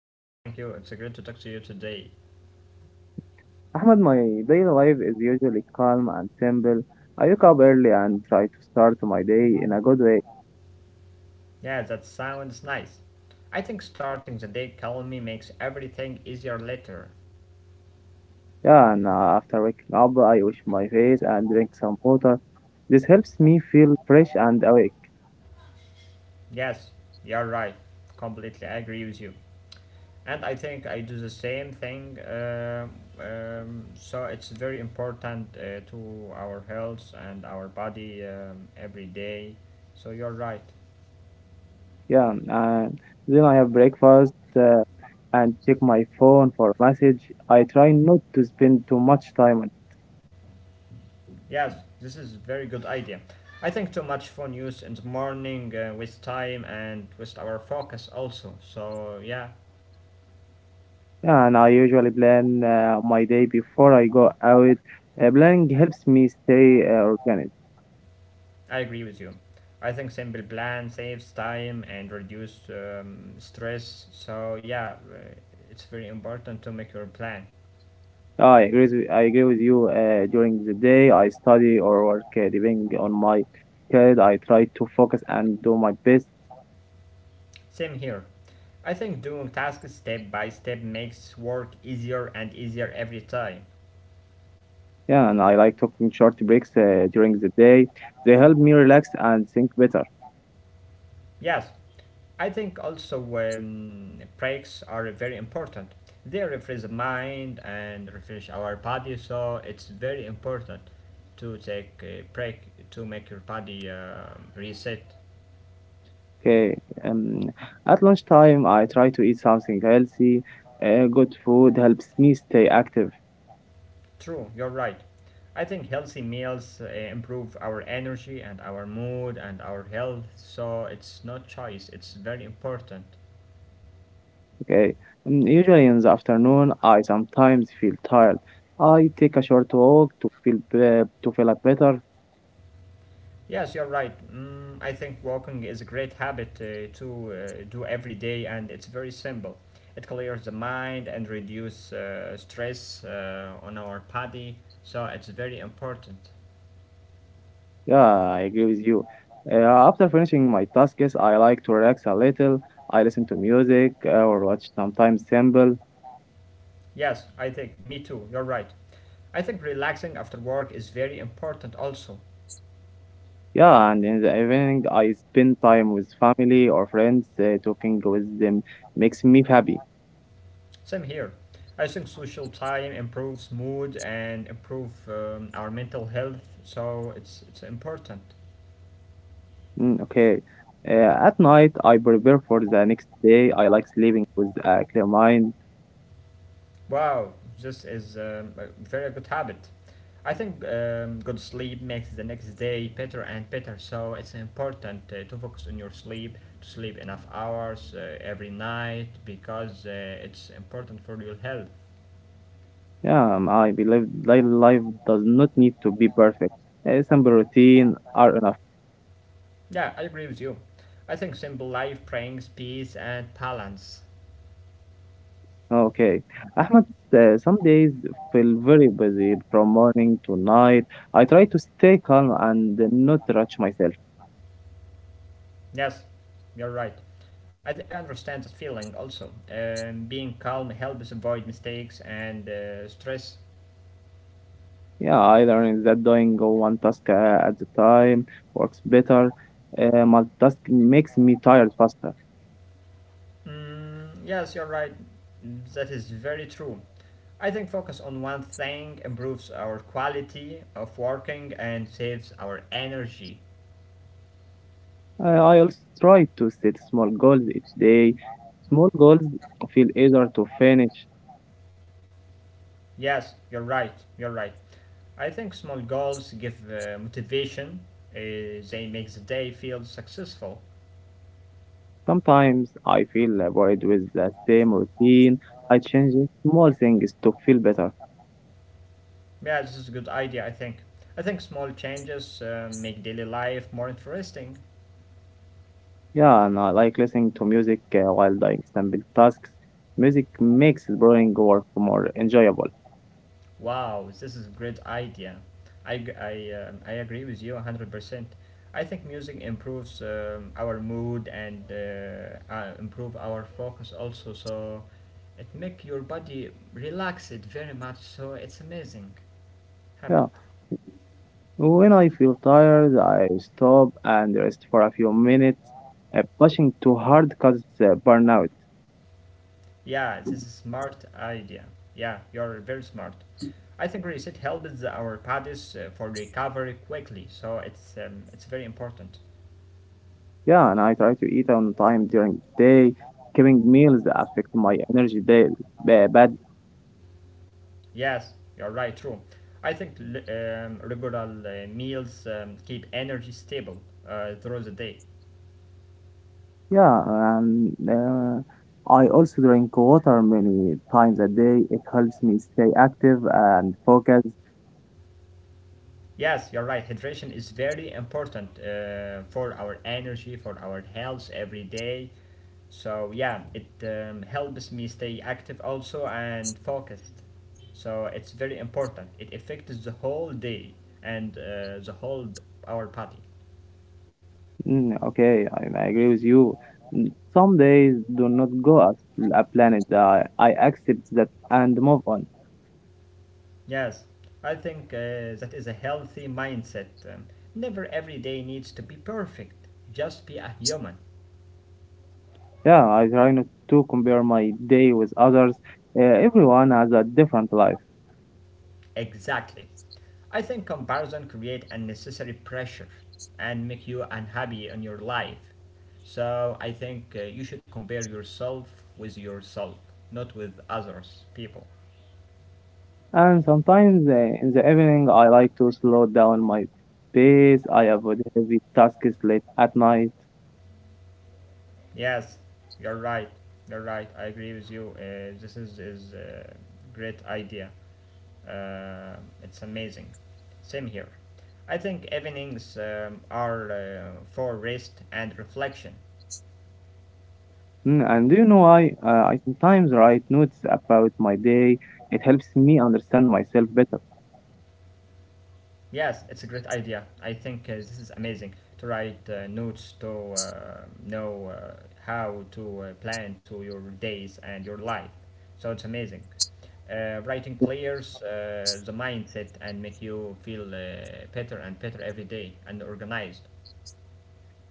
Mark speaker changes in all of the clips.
Speaker 1: I am fine, thank you. It's great to talk to you today.
Speaker 2: Ahmed, my daily life is usually calm and simple. I wake up early and try to start my day in a good way.
Speaker 1: Yeah, that sounds nice. I think starting the day calmly makes everything easier later.
Speaker 2: Yeah, and after waking up, I wash my face and drink some water. This helps me feel fresh and awake.
Speaker 1: Yes, you're right. Completely agree with you. And I think I do the same thing. So it's very important to our health and our body every day. So you're right.
Speaker 2: Yeah, and then I have breakfast uh, and check my phone for message. I try not to spend too much time on.
Speaker 1: Yes, this is very good idea. I think too much phone use in the morning with time and with our focus also. So yeah,
Speaker 2: Yeah, and I usually plan my day before I go out. Planning helps me stay organized.
Speaker 1: I agree with you. I think simple plan saves time and reduce stress. So yeah, it's very important to make your plan.
Speaker 2: I agree with you. During the day, I study or work, depending on my schedule. I try to focus and do my best.
Speaker 1: Same here. I think doing tasks step by step makes work easier and easier every time.
Speaker 2: Yeah, and I like taking short breaks during the day. They help me relax and think better.
Speaker 1: Yes, I think also breaks are very important. They refresh the mind and refresh our body, so it's very important to take a break to make your body reset.
Speaker 2: Okay. Um, at lunchtime, I try to eat something healthy. Good food helps me stay active.
Speaker 1: True, you're right. I think healthy meals improve our energy and our mood and our health, so it's not choice, it's very important.
Speaker 2: Okay. Mm, usually in the afternoon, I sometimes feel tired. I take a short walk to feel better.
Speaker 1: Yes, you're right. Mm, I think walking is a great habit to do every day, and it's very simple. It clears the mind and reduce stress on our body, so it's very important.
Speaker 2: Yeah, I agree with you. Uh, after finishing my tasks, I like to relax a little. I listen to music or watch sometimes simple.
Speaker 1: Yes, I think me too. You're right. I think relaxing after work is very important also.
Speaker 2: Yeah, and in the evening, I spend time with family or friends. Talking with them makes me happy.
Speaker 1: Same here. I think social time improves mood and improve our mental health, so it's important.
Speaker 2: Mm, okay. At night, I prepare for the next day. I like sleeping with a clear mind.
Speaker 1: Wow, this is a very good habit. I think good sleep makes the next day better and better, so it's important to focus on your sleep, to sleep enough hours every night because it's important for your health.
Speaker 2: Yeah, I believe life does not need to be perfect. A simple routine are enough.
Speaker 1: Yeah, I agree with you. I think simple life brings peace and balance.
Speaker 2: Okay. Ahmed, some days feel very busy from morning to night. I try to stay calm and not rush myself.
Speaker 1: Yes, you're right. I understand that feeling also. Being calm helps avoid mistakes and stress.
Speaker 2: Yeah, I learned that doing one task at a time works better. Multitasking makes me tired faster.
Speaker 1: Mm, yes, you're right. That is very true. I think focus on one thing improves our quality of working and saves our energy.
Speaker 2: I also try to set small goals each day. Small goals feel easier to finish.
Speaker 1: Yes, you're right. You're right. I think small goals give motivation. Uh, they make the day feel successful.
Speaker 2: Sometimes I feel bored with the same routine. I change small things to feel better.
Speaker 1: Yeah, this is a good idea, I think small changes make daily life more interesting.
Speaker 2: Yeah, and I like listening to music while doing simple tasks. Music makes boring work more enjoyable.
Speaker 1: Wow, this is a great idea. I agree with you 100%. I think music improves our mood and improve our focus also. So it make your body relax it very much. So it's amazing
Speaker 2: Yeah,
Speaker 1: habit.
Speaker 2: when I feel tired, I stop and rest for a few minutes. Pushing too hard causes burnout.
Speaker 1: Yeah, this is smart idea. Yeah, you're very smart. I think reset helps our bodies for recovery quickly. So it's very important.
Speaker 2: Yeah, and I try to eat on time during the day. Skipping meals affect my energy day bad.
Speaker 1: Yes, you're right, true. I think regular meals keep energy stable through the day.
Speaker 2: Yeah, and I also drink water many times a day. It helps me stay active and focused.
Speaker 1: Yes, you're right. Hydration is very important for our energy, for our health every day. So, yeah, it helps me stay active also and focused. So, it's very important. It affects the whole day and the whole our body.
Speaker 2: Mm, okay, I agree with you. Mm, some days do not go as a planet. I accept that and move on.
Speaker 1: Yes, I think that is a healthy mindset. Never every day needs to be perfect. Just be a human.
Speaker 2: Yeah, I try not to compare my day with others. Everyone has a different life.
Speaker 1: Exactly. I think comparison create unnecessary pressure and make you unhappy in your life. So I think you should compare yourself with yourself, not with others people.
Speaker 2: And sometimes in the evening, I like to slow down my pace. I avoid heavy tasks late at night.
Speaker 1: Yes, you're right. You're right. I agree with you. This is great idea. Uh, it's amazing. Same here. I think evenings are for rest and reflection.
Speaker 2: Mm, and do you know, I sometimes write notes about my day. It helps me understand myself better.
Speaker 1: Yes, it's a great idea. I think this is amazing to write notes to know how to plan to your days and your life. So it's amazing. Writing clears the mindset and make you feel better and better every day and organized.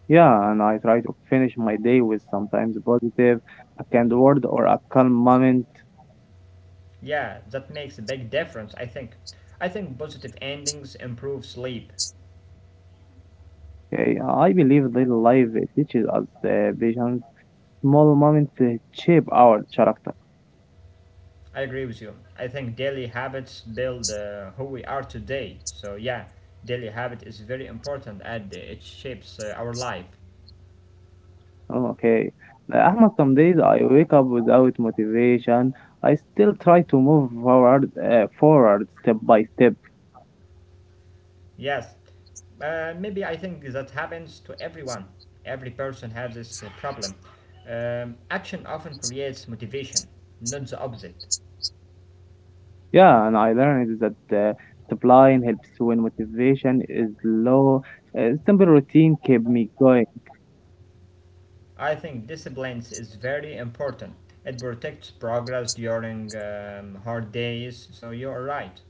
Speaker 2: Yeah, and I try to finish my day with sometimes positive, a kind word or a calm moment.
Speaker 1: Yeah, that makes a big difference, I think. I think positive endings improve sleep.
Speaker 2: Okay, I believe that life teaches us the vision. Small moments shape our character.
Speaker 1: I agree with you. I think daily habits build who we are today. So, yeah, daily habit is very important and it shapes our life.
Speaker 2: Oh, okay. Ahmad, some days I wake up without motivation. I still try to move forward, forward step by step.
Speaker 1: Yes, maybe I think that happens to everyone. Every person has this problem. Action often creates motivation, not the opposite.
Speaker 2: Yeah, and I learned that supplying helps when motivation is low. Simple routine kept me going.
Speaker 1: I think disciplines is very important. It protects progress during hard days, so you're right.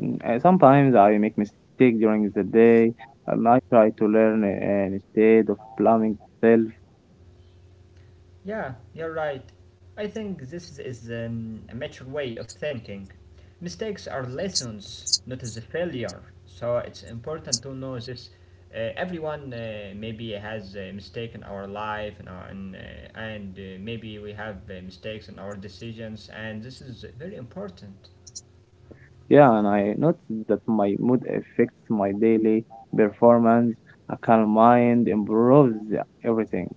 Speaker 2: Mm, sometimes I make mistakes during the day, and I try to learn instead of blaming myself.
Speaker 1: Yeah, you're right. I think this is a mature way of thinking. Mistakes are lessons, not as a failure. So it's important to know this. Everyone maybe has a mistake in our life, and maybe we have mistakes in our decisions, and this is very important.
Speaker 2: Yeah, and I notice that my mood affects my daily performance. A calm mind improves everything.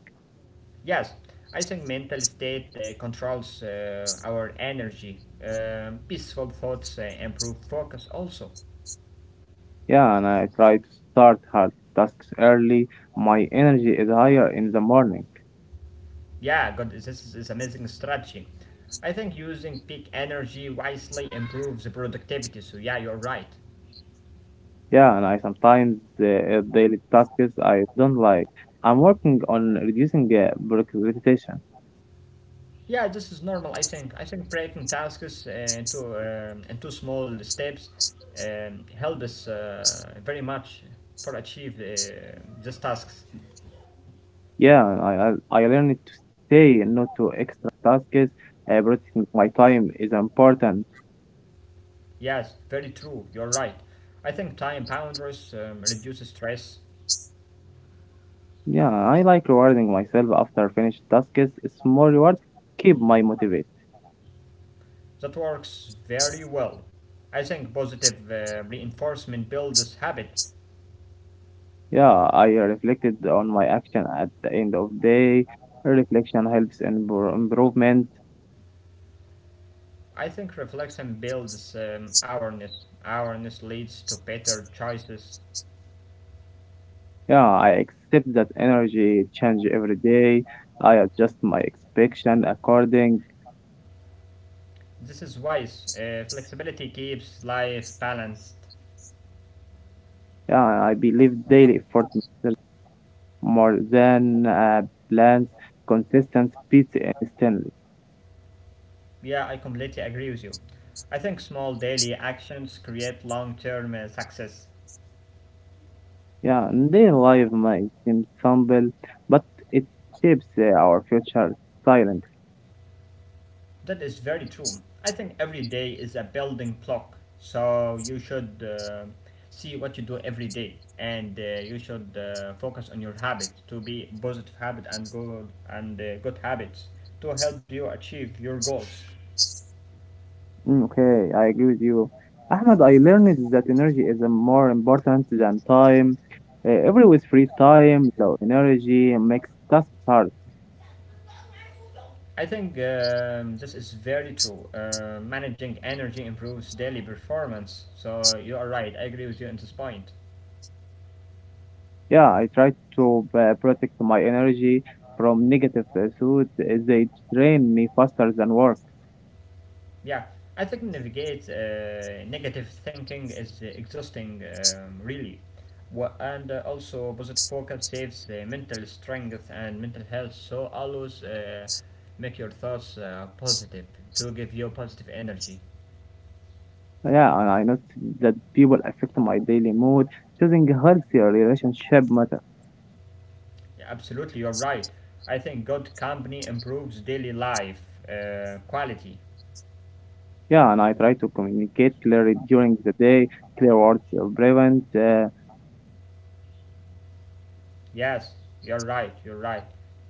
Speaker 1: Yes, I think mental state controls our energy. Peaceful thoughts improve focus also.
Speaker 2: Yeah, and I try to start hard tasks early. My energy is higher in the morning.
Speaker 1: Yeah, God, this is amazing strategy. I think using peak energy wisely improves the productivity. So yeah, you're right.
Speaker 2: Yeah, and I sometimes daily tasks I don't like. I'm working on reducing procrastination.
Speaker 1: Yeah, this is normal. I think breaking tasks into small steps help us very much for achieve these tasks.
Speaker 2: Yeah, I learned to say no to extra tasks. Protecting my time is important.
Speaker 1: Yes, very true, you're right. I think time boundaries reduce stress.
Speaker 2: Yeah, I like rewarding myself after finished tasks. Small rewards keep my motivate.
Speaker 1: That works very well. I think positive reinforcement builds habit.
Speaker 2: Yeah, I reflected on my action at the end of day. Reflection helps in improvement.
Speaker 1: I think reflection builds awareness. Awareness leads to better choices.
Speaker 2: Yeah, I accept that energy change every day. I adjust my expectation according.
Speaker 1: This is wise. Flexibility keeps life balanced.
Speaker 2: Yeah, I believe daily effort more than plans, consistent beats instantly.
Speaker 1: Yeah, I completely agree with you. I think small daily actions create long term success.
Speaker 2: Yeah, and daily life might seem simple, but it shapes our future silently.
Speaker 1: That is very true. I think every day is a building block, so you should see what you do every day, and you should focus on your habits to be positive habit and good habits to help you achieve your goals.
Speaker 2: Mm, okay, I agree with you. Ahmed, I learned that energy is more important than time. Every with free time, low energy makes tasks hard.
Speaker 1: I think this is very true. Managing energy improves daily performance. So you are right. I agree with you on this point.
Speaker 2: Yeah, I try to protect my energy from negative thoughts. Uh, they drain me faster than work.
Speaker 1: Yeah, I think navigate negative thinking is exhausting, really. And also, positive focus saves mental strength and mental health. So always make your thoughts positive to give you positive energy.
Speaker 2: Yeah, and I noticed that people affect my daily mood. Choosing a healthier relationship matter.
Speaker 1: Yeah, absolutely, you're right. I think good company improves daily life quality.
Speaker 2: Yeah, and I try to communicate clearly during the day, clear words prevent.
Speaker 1: Yes, you're right, you're right.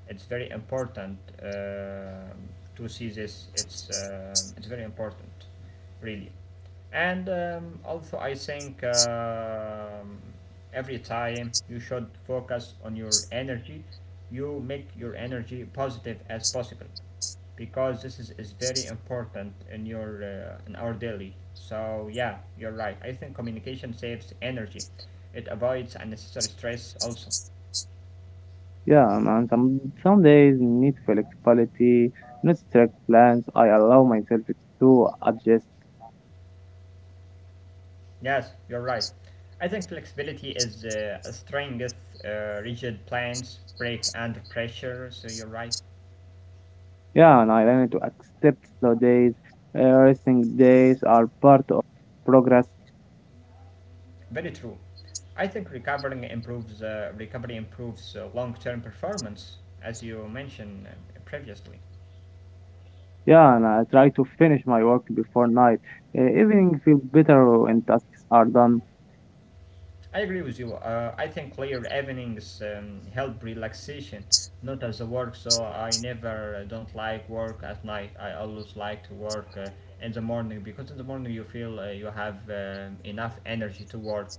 Speaker 1: It's very important to see this. It's very important, really. And also, I think every time you should focus on your energy. You make your energy positive as possible, because this is very important in your in our daily. So yeah, you're right. I think communication saves energy. It avoids unnecessary stress also.
Speaker 2: Yeah, and some days need flexibility, not strict plans. I allow myself to adjust.
Speaker 1: Yes, you're right. I think flexibility is a strength. Rigid plans break under pressure, so you're right.
Speaker 2: Yeah, and I learn to accept slow days. Resting days are part of progress.
Speaker 1: Very true. I think recovering improves recovery improves long-term performance, as you mentioned previously.
Speaker 2: Yeah, and I try to finish my work before night. Evening feel better when tasks are done.
Speaker 1: I agree with you. I think clear evenings help relaxation, not as a work. So I never don't like work at night. I always like to work in the morning because in the morning you feel you have enough energy to work.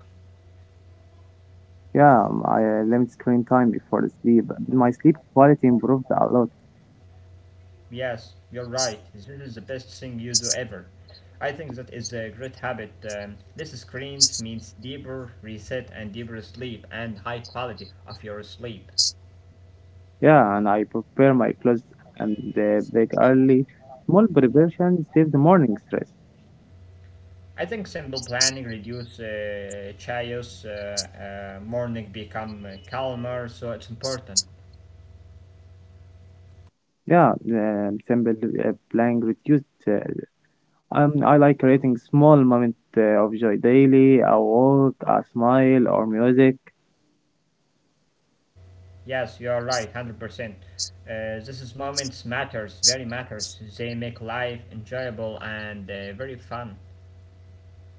Speaker 2: Yeah, I limit screen time before sleep. My sleep quality improved a lot.
Speaker 1: Yes, you're right. This is the best thing you do ever. I think that is a great habit. Less screens means deeper reset and deeper sleep and high quality of your sleep.
Speaker 2: Yeah, and I prepare my clothes and bake early. Small preparation saves the morning stress.
Speaker 1: I think simple planning reduces chaos, morning become calmer, so it's important.
Speaker 2: Yeah, um, simple planning reduced. I like creating small moment of joy daily, a walk, a smile, or music.
Speaker 1: Yes, you are right, 100%. This is moments matters, very matters. They make life enjoyable and very fun.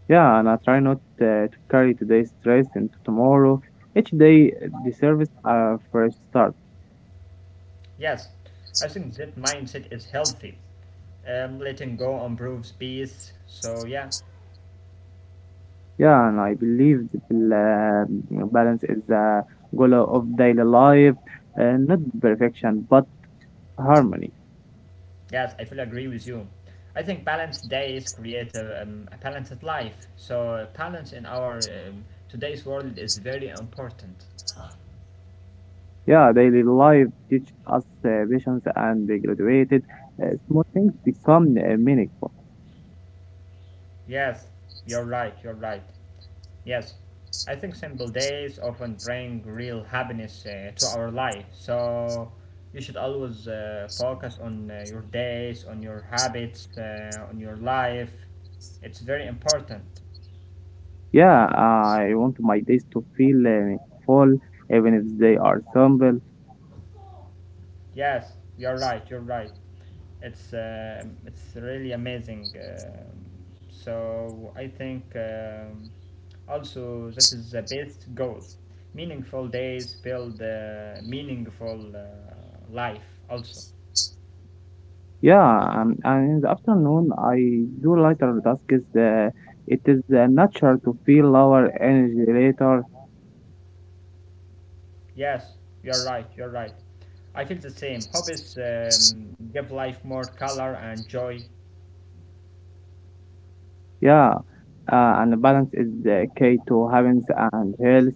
Speaker 2: Yeah, and I try not to carry today's stress into tomorrow. Each day deserves a fresh start.
Speaker 1: Yes, I think that mindset is healthy. Letting go improves peace, so yeah.
Speaker 2: Yeah, and I believe that balance is the goal of daily life, not perfection, but harmony.
Speaker 1: Yes, I fully agree with you. I think balanced days create a balanced life. So balance in our today's world is very important.
Speaker 2: Yeah, daily life teaches us patience and they graduated. Small things become meaningful.
Speaker 1: Yes, you're right. You're right. Yes, I think simple days often bring real happiness to our life. So you should always focus on your days, on your habits, on your life. It's very important.
Speaker 2: Yeah, I want my days to feel meaningful, even if they are simple.
Speaker 1: Yes, you're right. You're right. It's really amazing. So I think also this is the best goal. Meaningful days build meaningful life also.
Speaker 2: Yeah, and in the afternoon, I do lighter tasks. It is natural to feel lower energy later.
Speaker 1: Yes, you're right. You're right. I feel the same. Hobbies give life more color and joy.
Speaker 2: Yeah, and balance is the key to happiness and health.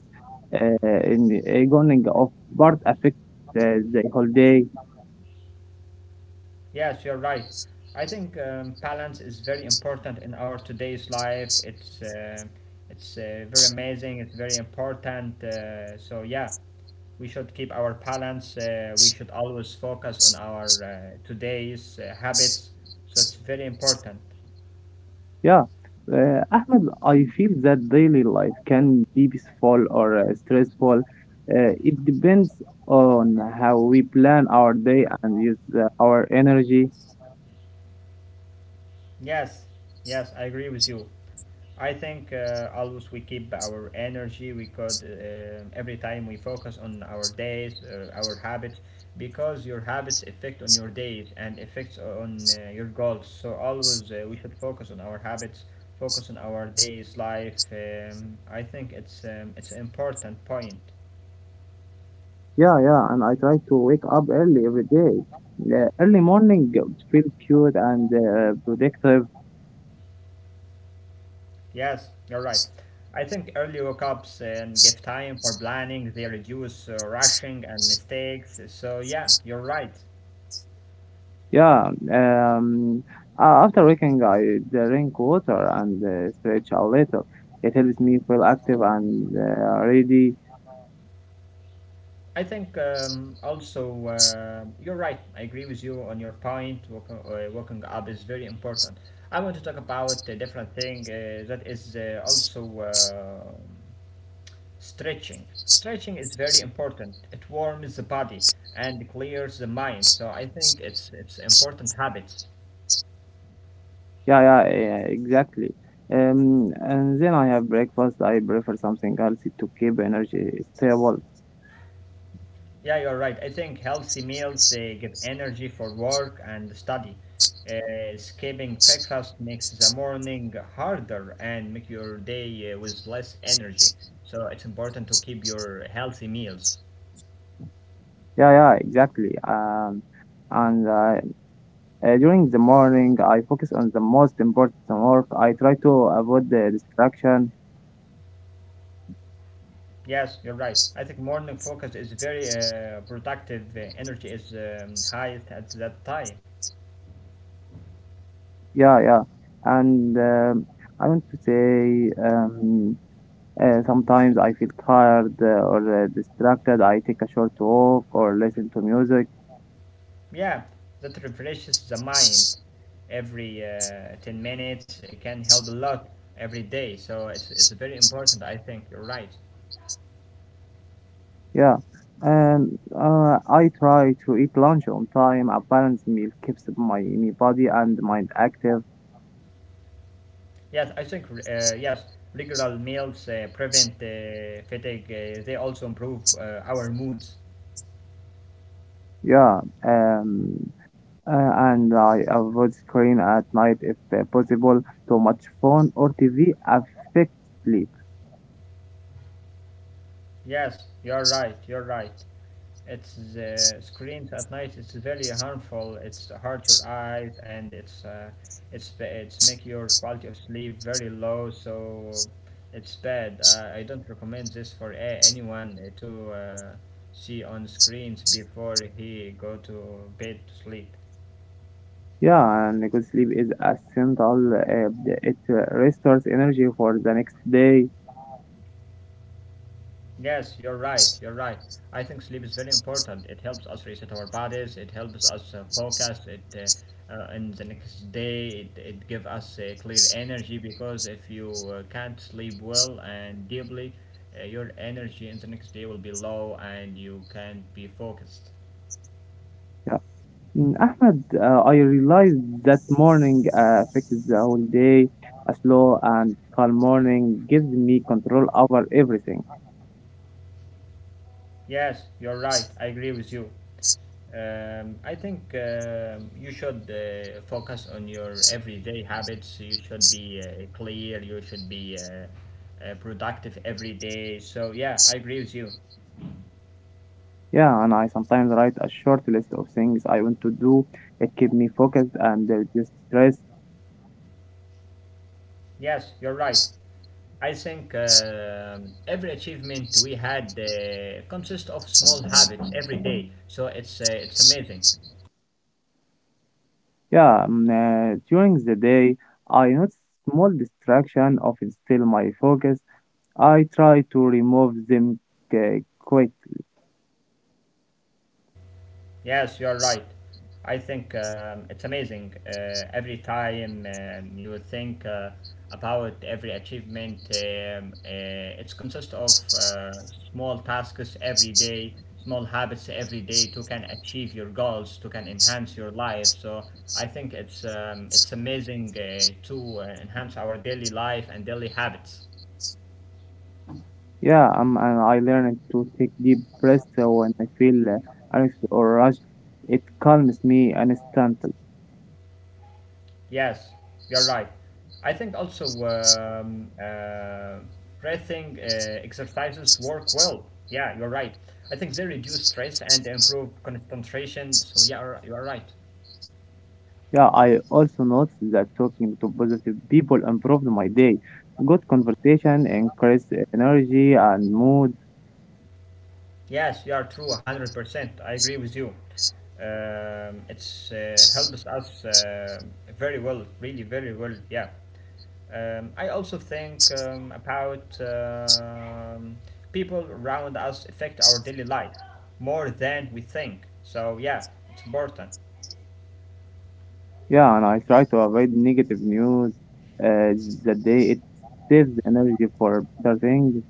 Speaker 2: In the going of part affects the whole day.
Speaker 1: Yes, you're right. I think balance is very important in our today's life. It's very amazing. It's very important. So yeah, we should keep our balance. We should always focus on our today's habits. So it's very important.
Speaker 2: Yeah, Ahmed, I feel that daily life can be peaceful or stressful. It depends on how we plan our day and use our energy.
Speaker 1: Yes, yes, I agree with you. I think always we keep our energy. We could every time we focus on our days, our habits, because your habits affect on your days and affects on your goals. So always we should focus on our habits, focus on our days life. I think it's an important point.
Speaker 2: Yeah, and I try to wake up early every day. Early morning feels cute and productive.
Speaker 1: Yes, you're right. I think early wake-ups and give time for planning. They reduce rushing and mistakes. So yeah, you're right.
Speaker 2: Yeah. After waking, I drink water and stretch a little. It helps me feel active and ready.
Speaker 1: I think also you're right. I agree with you on your point. Walking, walking up is very important. I want to talk about a different thing that is also stretching. Stretching is very important. It warms the body and clears the mind. So I think it's important habits.
Speaker 2: Yeah, exactly. And then I have breakfast. I prefer something healthy to keep energy stable.
Speaker 1: Yeah, you're right. I think healthy meals they give energy for work and study. Skipping breakfast makes the morning harder and make your day with less energy. So it's important to keep your healthy meals.
Speaker 2: Yeah, exactly. And during the morning, I focus on the most important work. I try to avoid the distraction.
Speaker 1: Yes, you're right. I think morning focus is very productive. Energy is highest at that time.
Speaker 2: Yeah. And I want to say. Sometimes I feel tired or distracted. I take a short walk or listen to music.
Speaker 1: Yeah, that refreshes the mind every 10 minutes. It can help a lot every day. So it's very important, I think. You're right.
Speaker 2: Yeah. And I try to eat lunch on time. A balanced meal keeps my body and mind active.
Speaker 1: Yes, I think, yes, regular meals prevent fatigue. They also improve our moods.
Speaker 2: Yeah. Um, and I avoid screen at night if possible. Too much phone or TV affects sleep.
Speaker 1: Yes, you're right. You're right. It's the screens at night. It's very harmful. It's hurt your eyes and it's make your quality of sleep very low. So it's bad. I don't recommend this for anyone to see on screens before he go to bed to sleep.
Speaker 2: Yeah, and good sleep is essential. It restores energy for the next day.
Speaker 1: Yes, you're right. I think sleep is very important. It helps us reset our bodies, it helps us focus it in the next day, it gives us clear energy because if you can't sleep well and deeply, your energy in the next day will be low and you can't be focused.
Speaker 2: Yeah. Mm, Ahmed, I realized that morning affected the whole day. A slow and calm morning gives me control over everything.
Speaker 1: Yes, you're right. I agree with you. I think you should focus on your everyday habits. You should be clear. You should be productive every day. So, yeah, I agree with you.
Speaker 2: Yeah, and I sometimes write a short list of things I want to do. It keeps me focused and reduces stress.
Speaker 1: Yes, you're right. I think every achievement we had consists of small habits every day. So, it's amazing.
Speaker 2: Yeah, mm, during the day, I notice small distraction often steal my focus. I try to remove them uh, quickly.
Speaker 1: Yes, you're right. I think it's amazing. Every time you think about every achievement, it's consists of small tasks every day, small habits every day to can achieve your goals, to can enhance your life. So I think it's amazing to enhance our daily life and daily habits.
Speaker 2: Yeah, and I learned to take deep breaths when I feel anxious or rushed. It calms me instantly.
Speaker 1: Yes, you're right. I think also breathing exercises work well. Yeah, you're right. I think they reduce stress and improve concentration. So yeah, you're right.
Speaker 2: Yeah, I also noticed that talking to positive people improved my day. Good conversation increased energy and mood.
Speaker 1: Yes, you are true, 100%. I agree with you. It's helps us very well, really very well. Yeah. I also think about people around us affect our daily life more than we think. So yeah, it's important.
Speaker 2: Yeah, and I try to avoid negative news uh, the day. It saves energy for better things.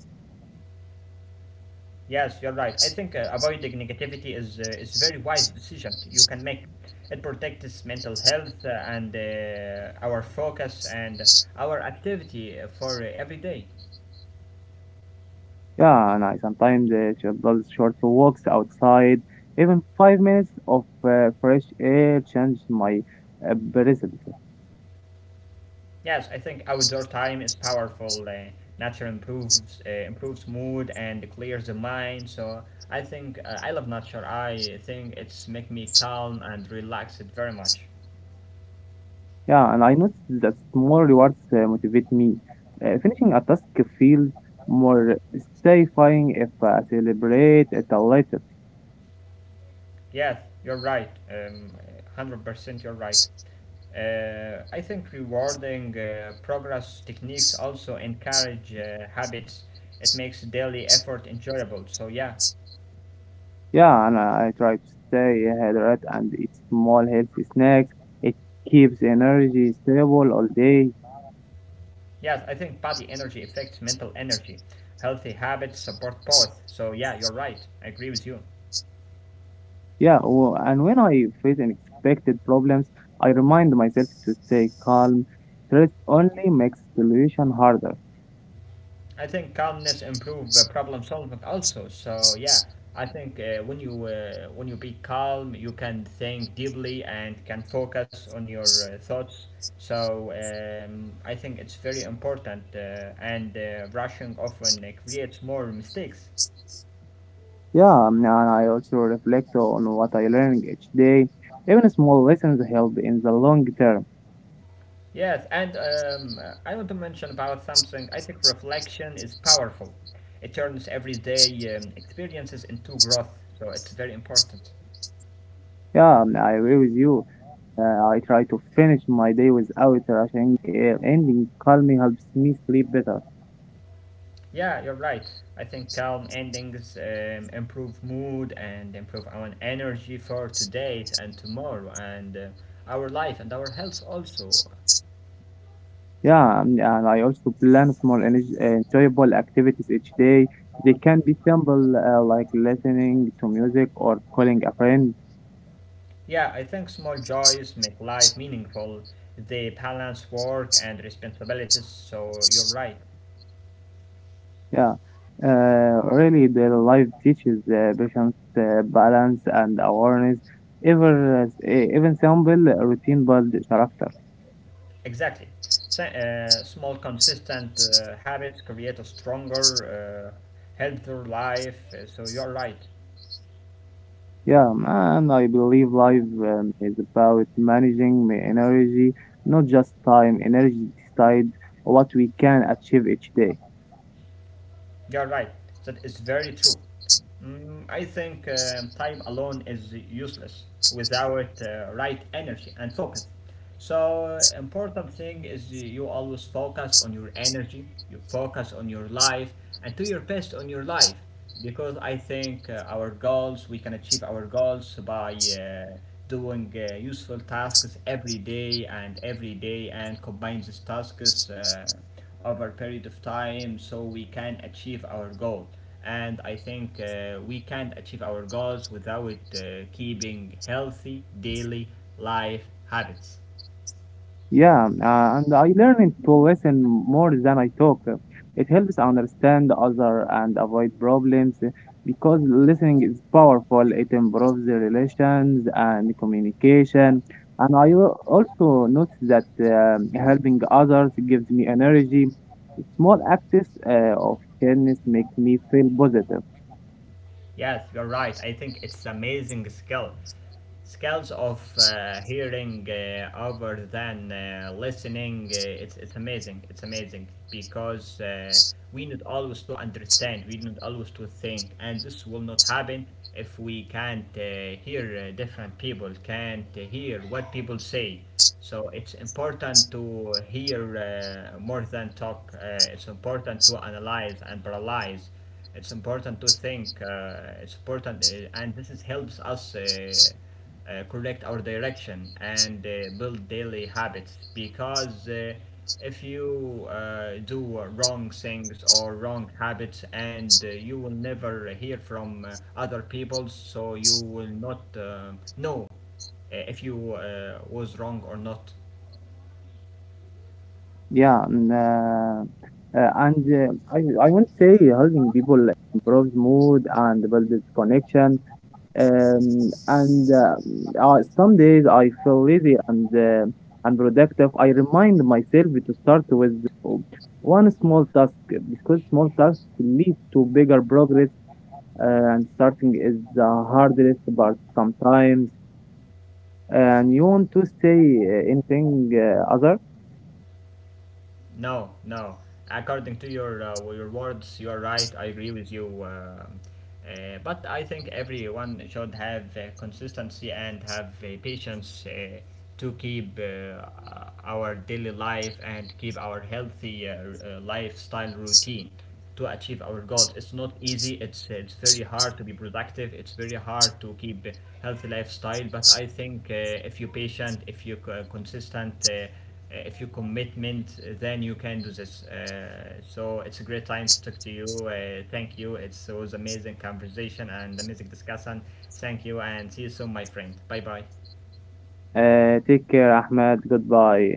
Speaker 1: Yes, you're right. I think avoiding negativity is a very wise decision you can make. It protects mental health and our focus and our activity for every day.
Speaker 2: Yeah, and I sometimes just short walks outside. Even 5 minutes of fresh air changes my present.
Speaker 1: Yes, I think outdoor time is powerful. Nature improves improves mood and clears the mind. So I think I love nature. I think it's make me calm and relaxed very much.
Speaker 2: Yeah, and I notice that small rewards motivate me. Finishing a task feels more satisfying if I celebrate it later.
Speaker 1: Yes, you're right. 100% you're right. I think rewarding progress techniques also encourage habits. It makes daily effort enjoyable. So, yeah.
Speaker 2: Yeah, and I try to stay hydrated and eat small healthy snacks. It keeps energy stable all day.
Speaker 1: Yes, I think body energy affects mental energy. Healthy habits support both. So, yeah, you're right. I agree with you.
Speaker 2: Yeah, well, and when I face unexpected problems, I remind myself to stay calm. Stress only makes solution harder.
Speaker 1: I think calmness improve problem solving also. So yeah, I think when you be calm, you can think deeply and can focus on your thoughts. So I think it's very important, and rushing often creates more mistakes.
Speaker 2: Yeah, and I also reflect on what I learn each day. Even small lessons help in the long term.
Speaker 1: Yes, and I want to mention about something. I think reflection is powerful. It turns everyday experiences into growth, so it's very important.
Speaker 2: Yeah, I agree with you. I try to finish my day without rushing. Ending calmly helps me sleep better.
Speaker 1: Yeah, you're right. I think calm endings improve mood and improve our energy for today and tomorrow and our life and our health also.
Speaker 2: Yeah, and I also plan small energy, enjoyable activities each day. They can be simple, like listening to music or calling a friend.
Speaker 1: Yeah, I think small joys make life meaningful. They balance work and responsibilities, so you're right.
Speaker 2: Yeah, really, the life teaches patience, balance, and awareness. Even simple routine build character.
Speaker 1: Exactly. So, small, consistent habits create a stronger, healthier life, so you're right.
Speaker 2: Yeah, and I believe life is about managing my energy, not just time. Energy decide what we can achieve each day.
Speaker 1: You're right. That is very true. I think time alone is useless without right energy and focus. So important thing is you always focus on your energy, you focus on your life, and do your best on your life. Because I think our goals, we can achieve our goals by doing useful tasks every day, and combine these tasks over a period of time so we can achieve our goal and I think we can not achieve our goals without keeping healthy daily life habits.
Speaker 2: Yeah, and I learned to listen more than I talk. It helps understand other and avoid problems because listening is powerful. It improves the relations and communication. And I also notice that helping others gives me energy. Small acts of kindness make me feel positive.
Speaker 1: Yes, you're right. I think it's amazing skill. Skills of hearing other than listening it's amazing because we need always to understand we need always to think and this will not happen if we can't hear different people can't hear what people say so it's important to hear more than talk it's important to analyze and paralyze it's important to think it's important and this is helps us correct our direction and build daily habits because if you do wrong things or wrong habits and you will never hear from other people so you will not know if you was wrong or not.
Speaker 2: Yeah, and uh, I I won't say helping people improves mood and builds connection. And some days I feel lazy and unproductive. I remind myself to start with one small task because small tasks lead to bigger progress. Uh, and starting is the hardest part sometimes. And you want to say anything other?
Speaker 1: No, no. According to your words, you are right. I agree with you. But I think everyone should have consistency and have patience to keep our daily life and keep our healthy lifestyle routine to achieve our goals. It's not easy. It's very hard to be productive. It's very hard to keep healthy lifestyle. But I think if you're patient, if you're consistent. If you commitment then you can do this so it's a great time to talk to you thank you it was amazing conversation and amazing discussion thank you and see you soon my friend bye bye
Speaker 2: Take care, Ahmed. Goodbye.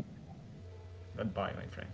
Speaker 1: goodbye my friend.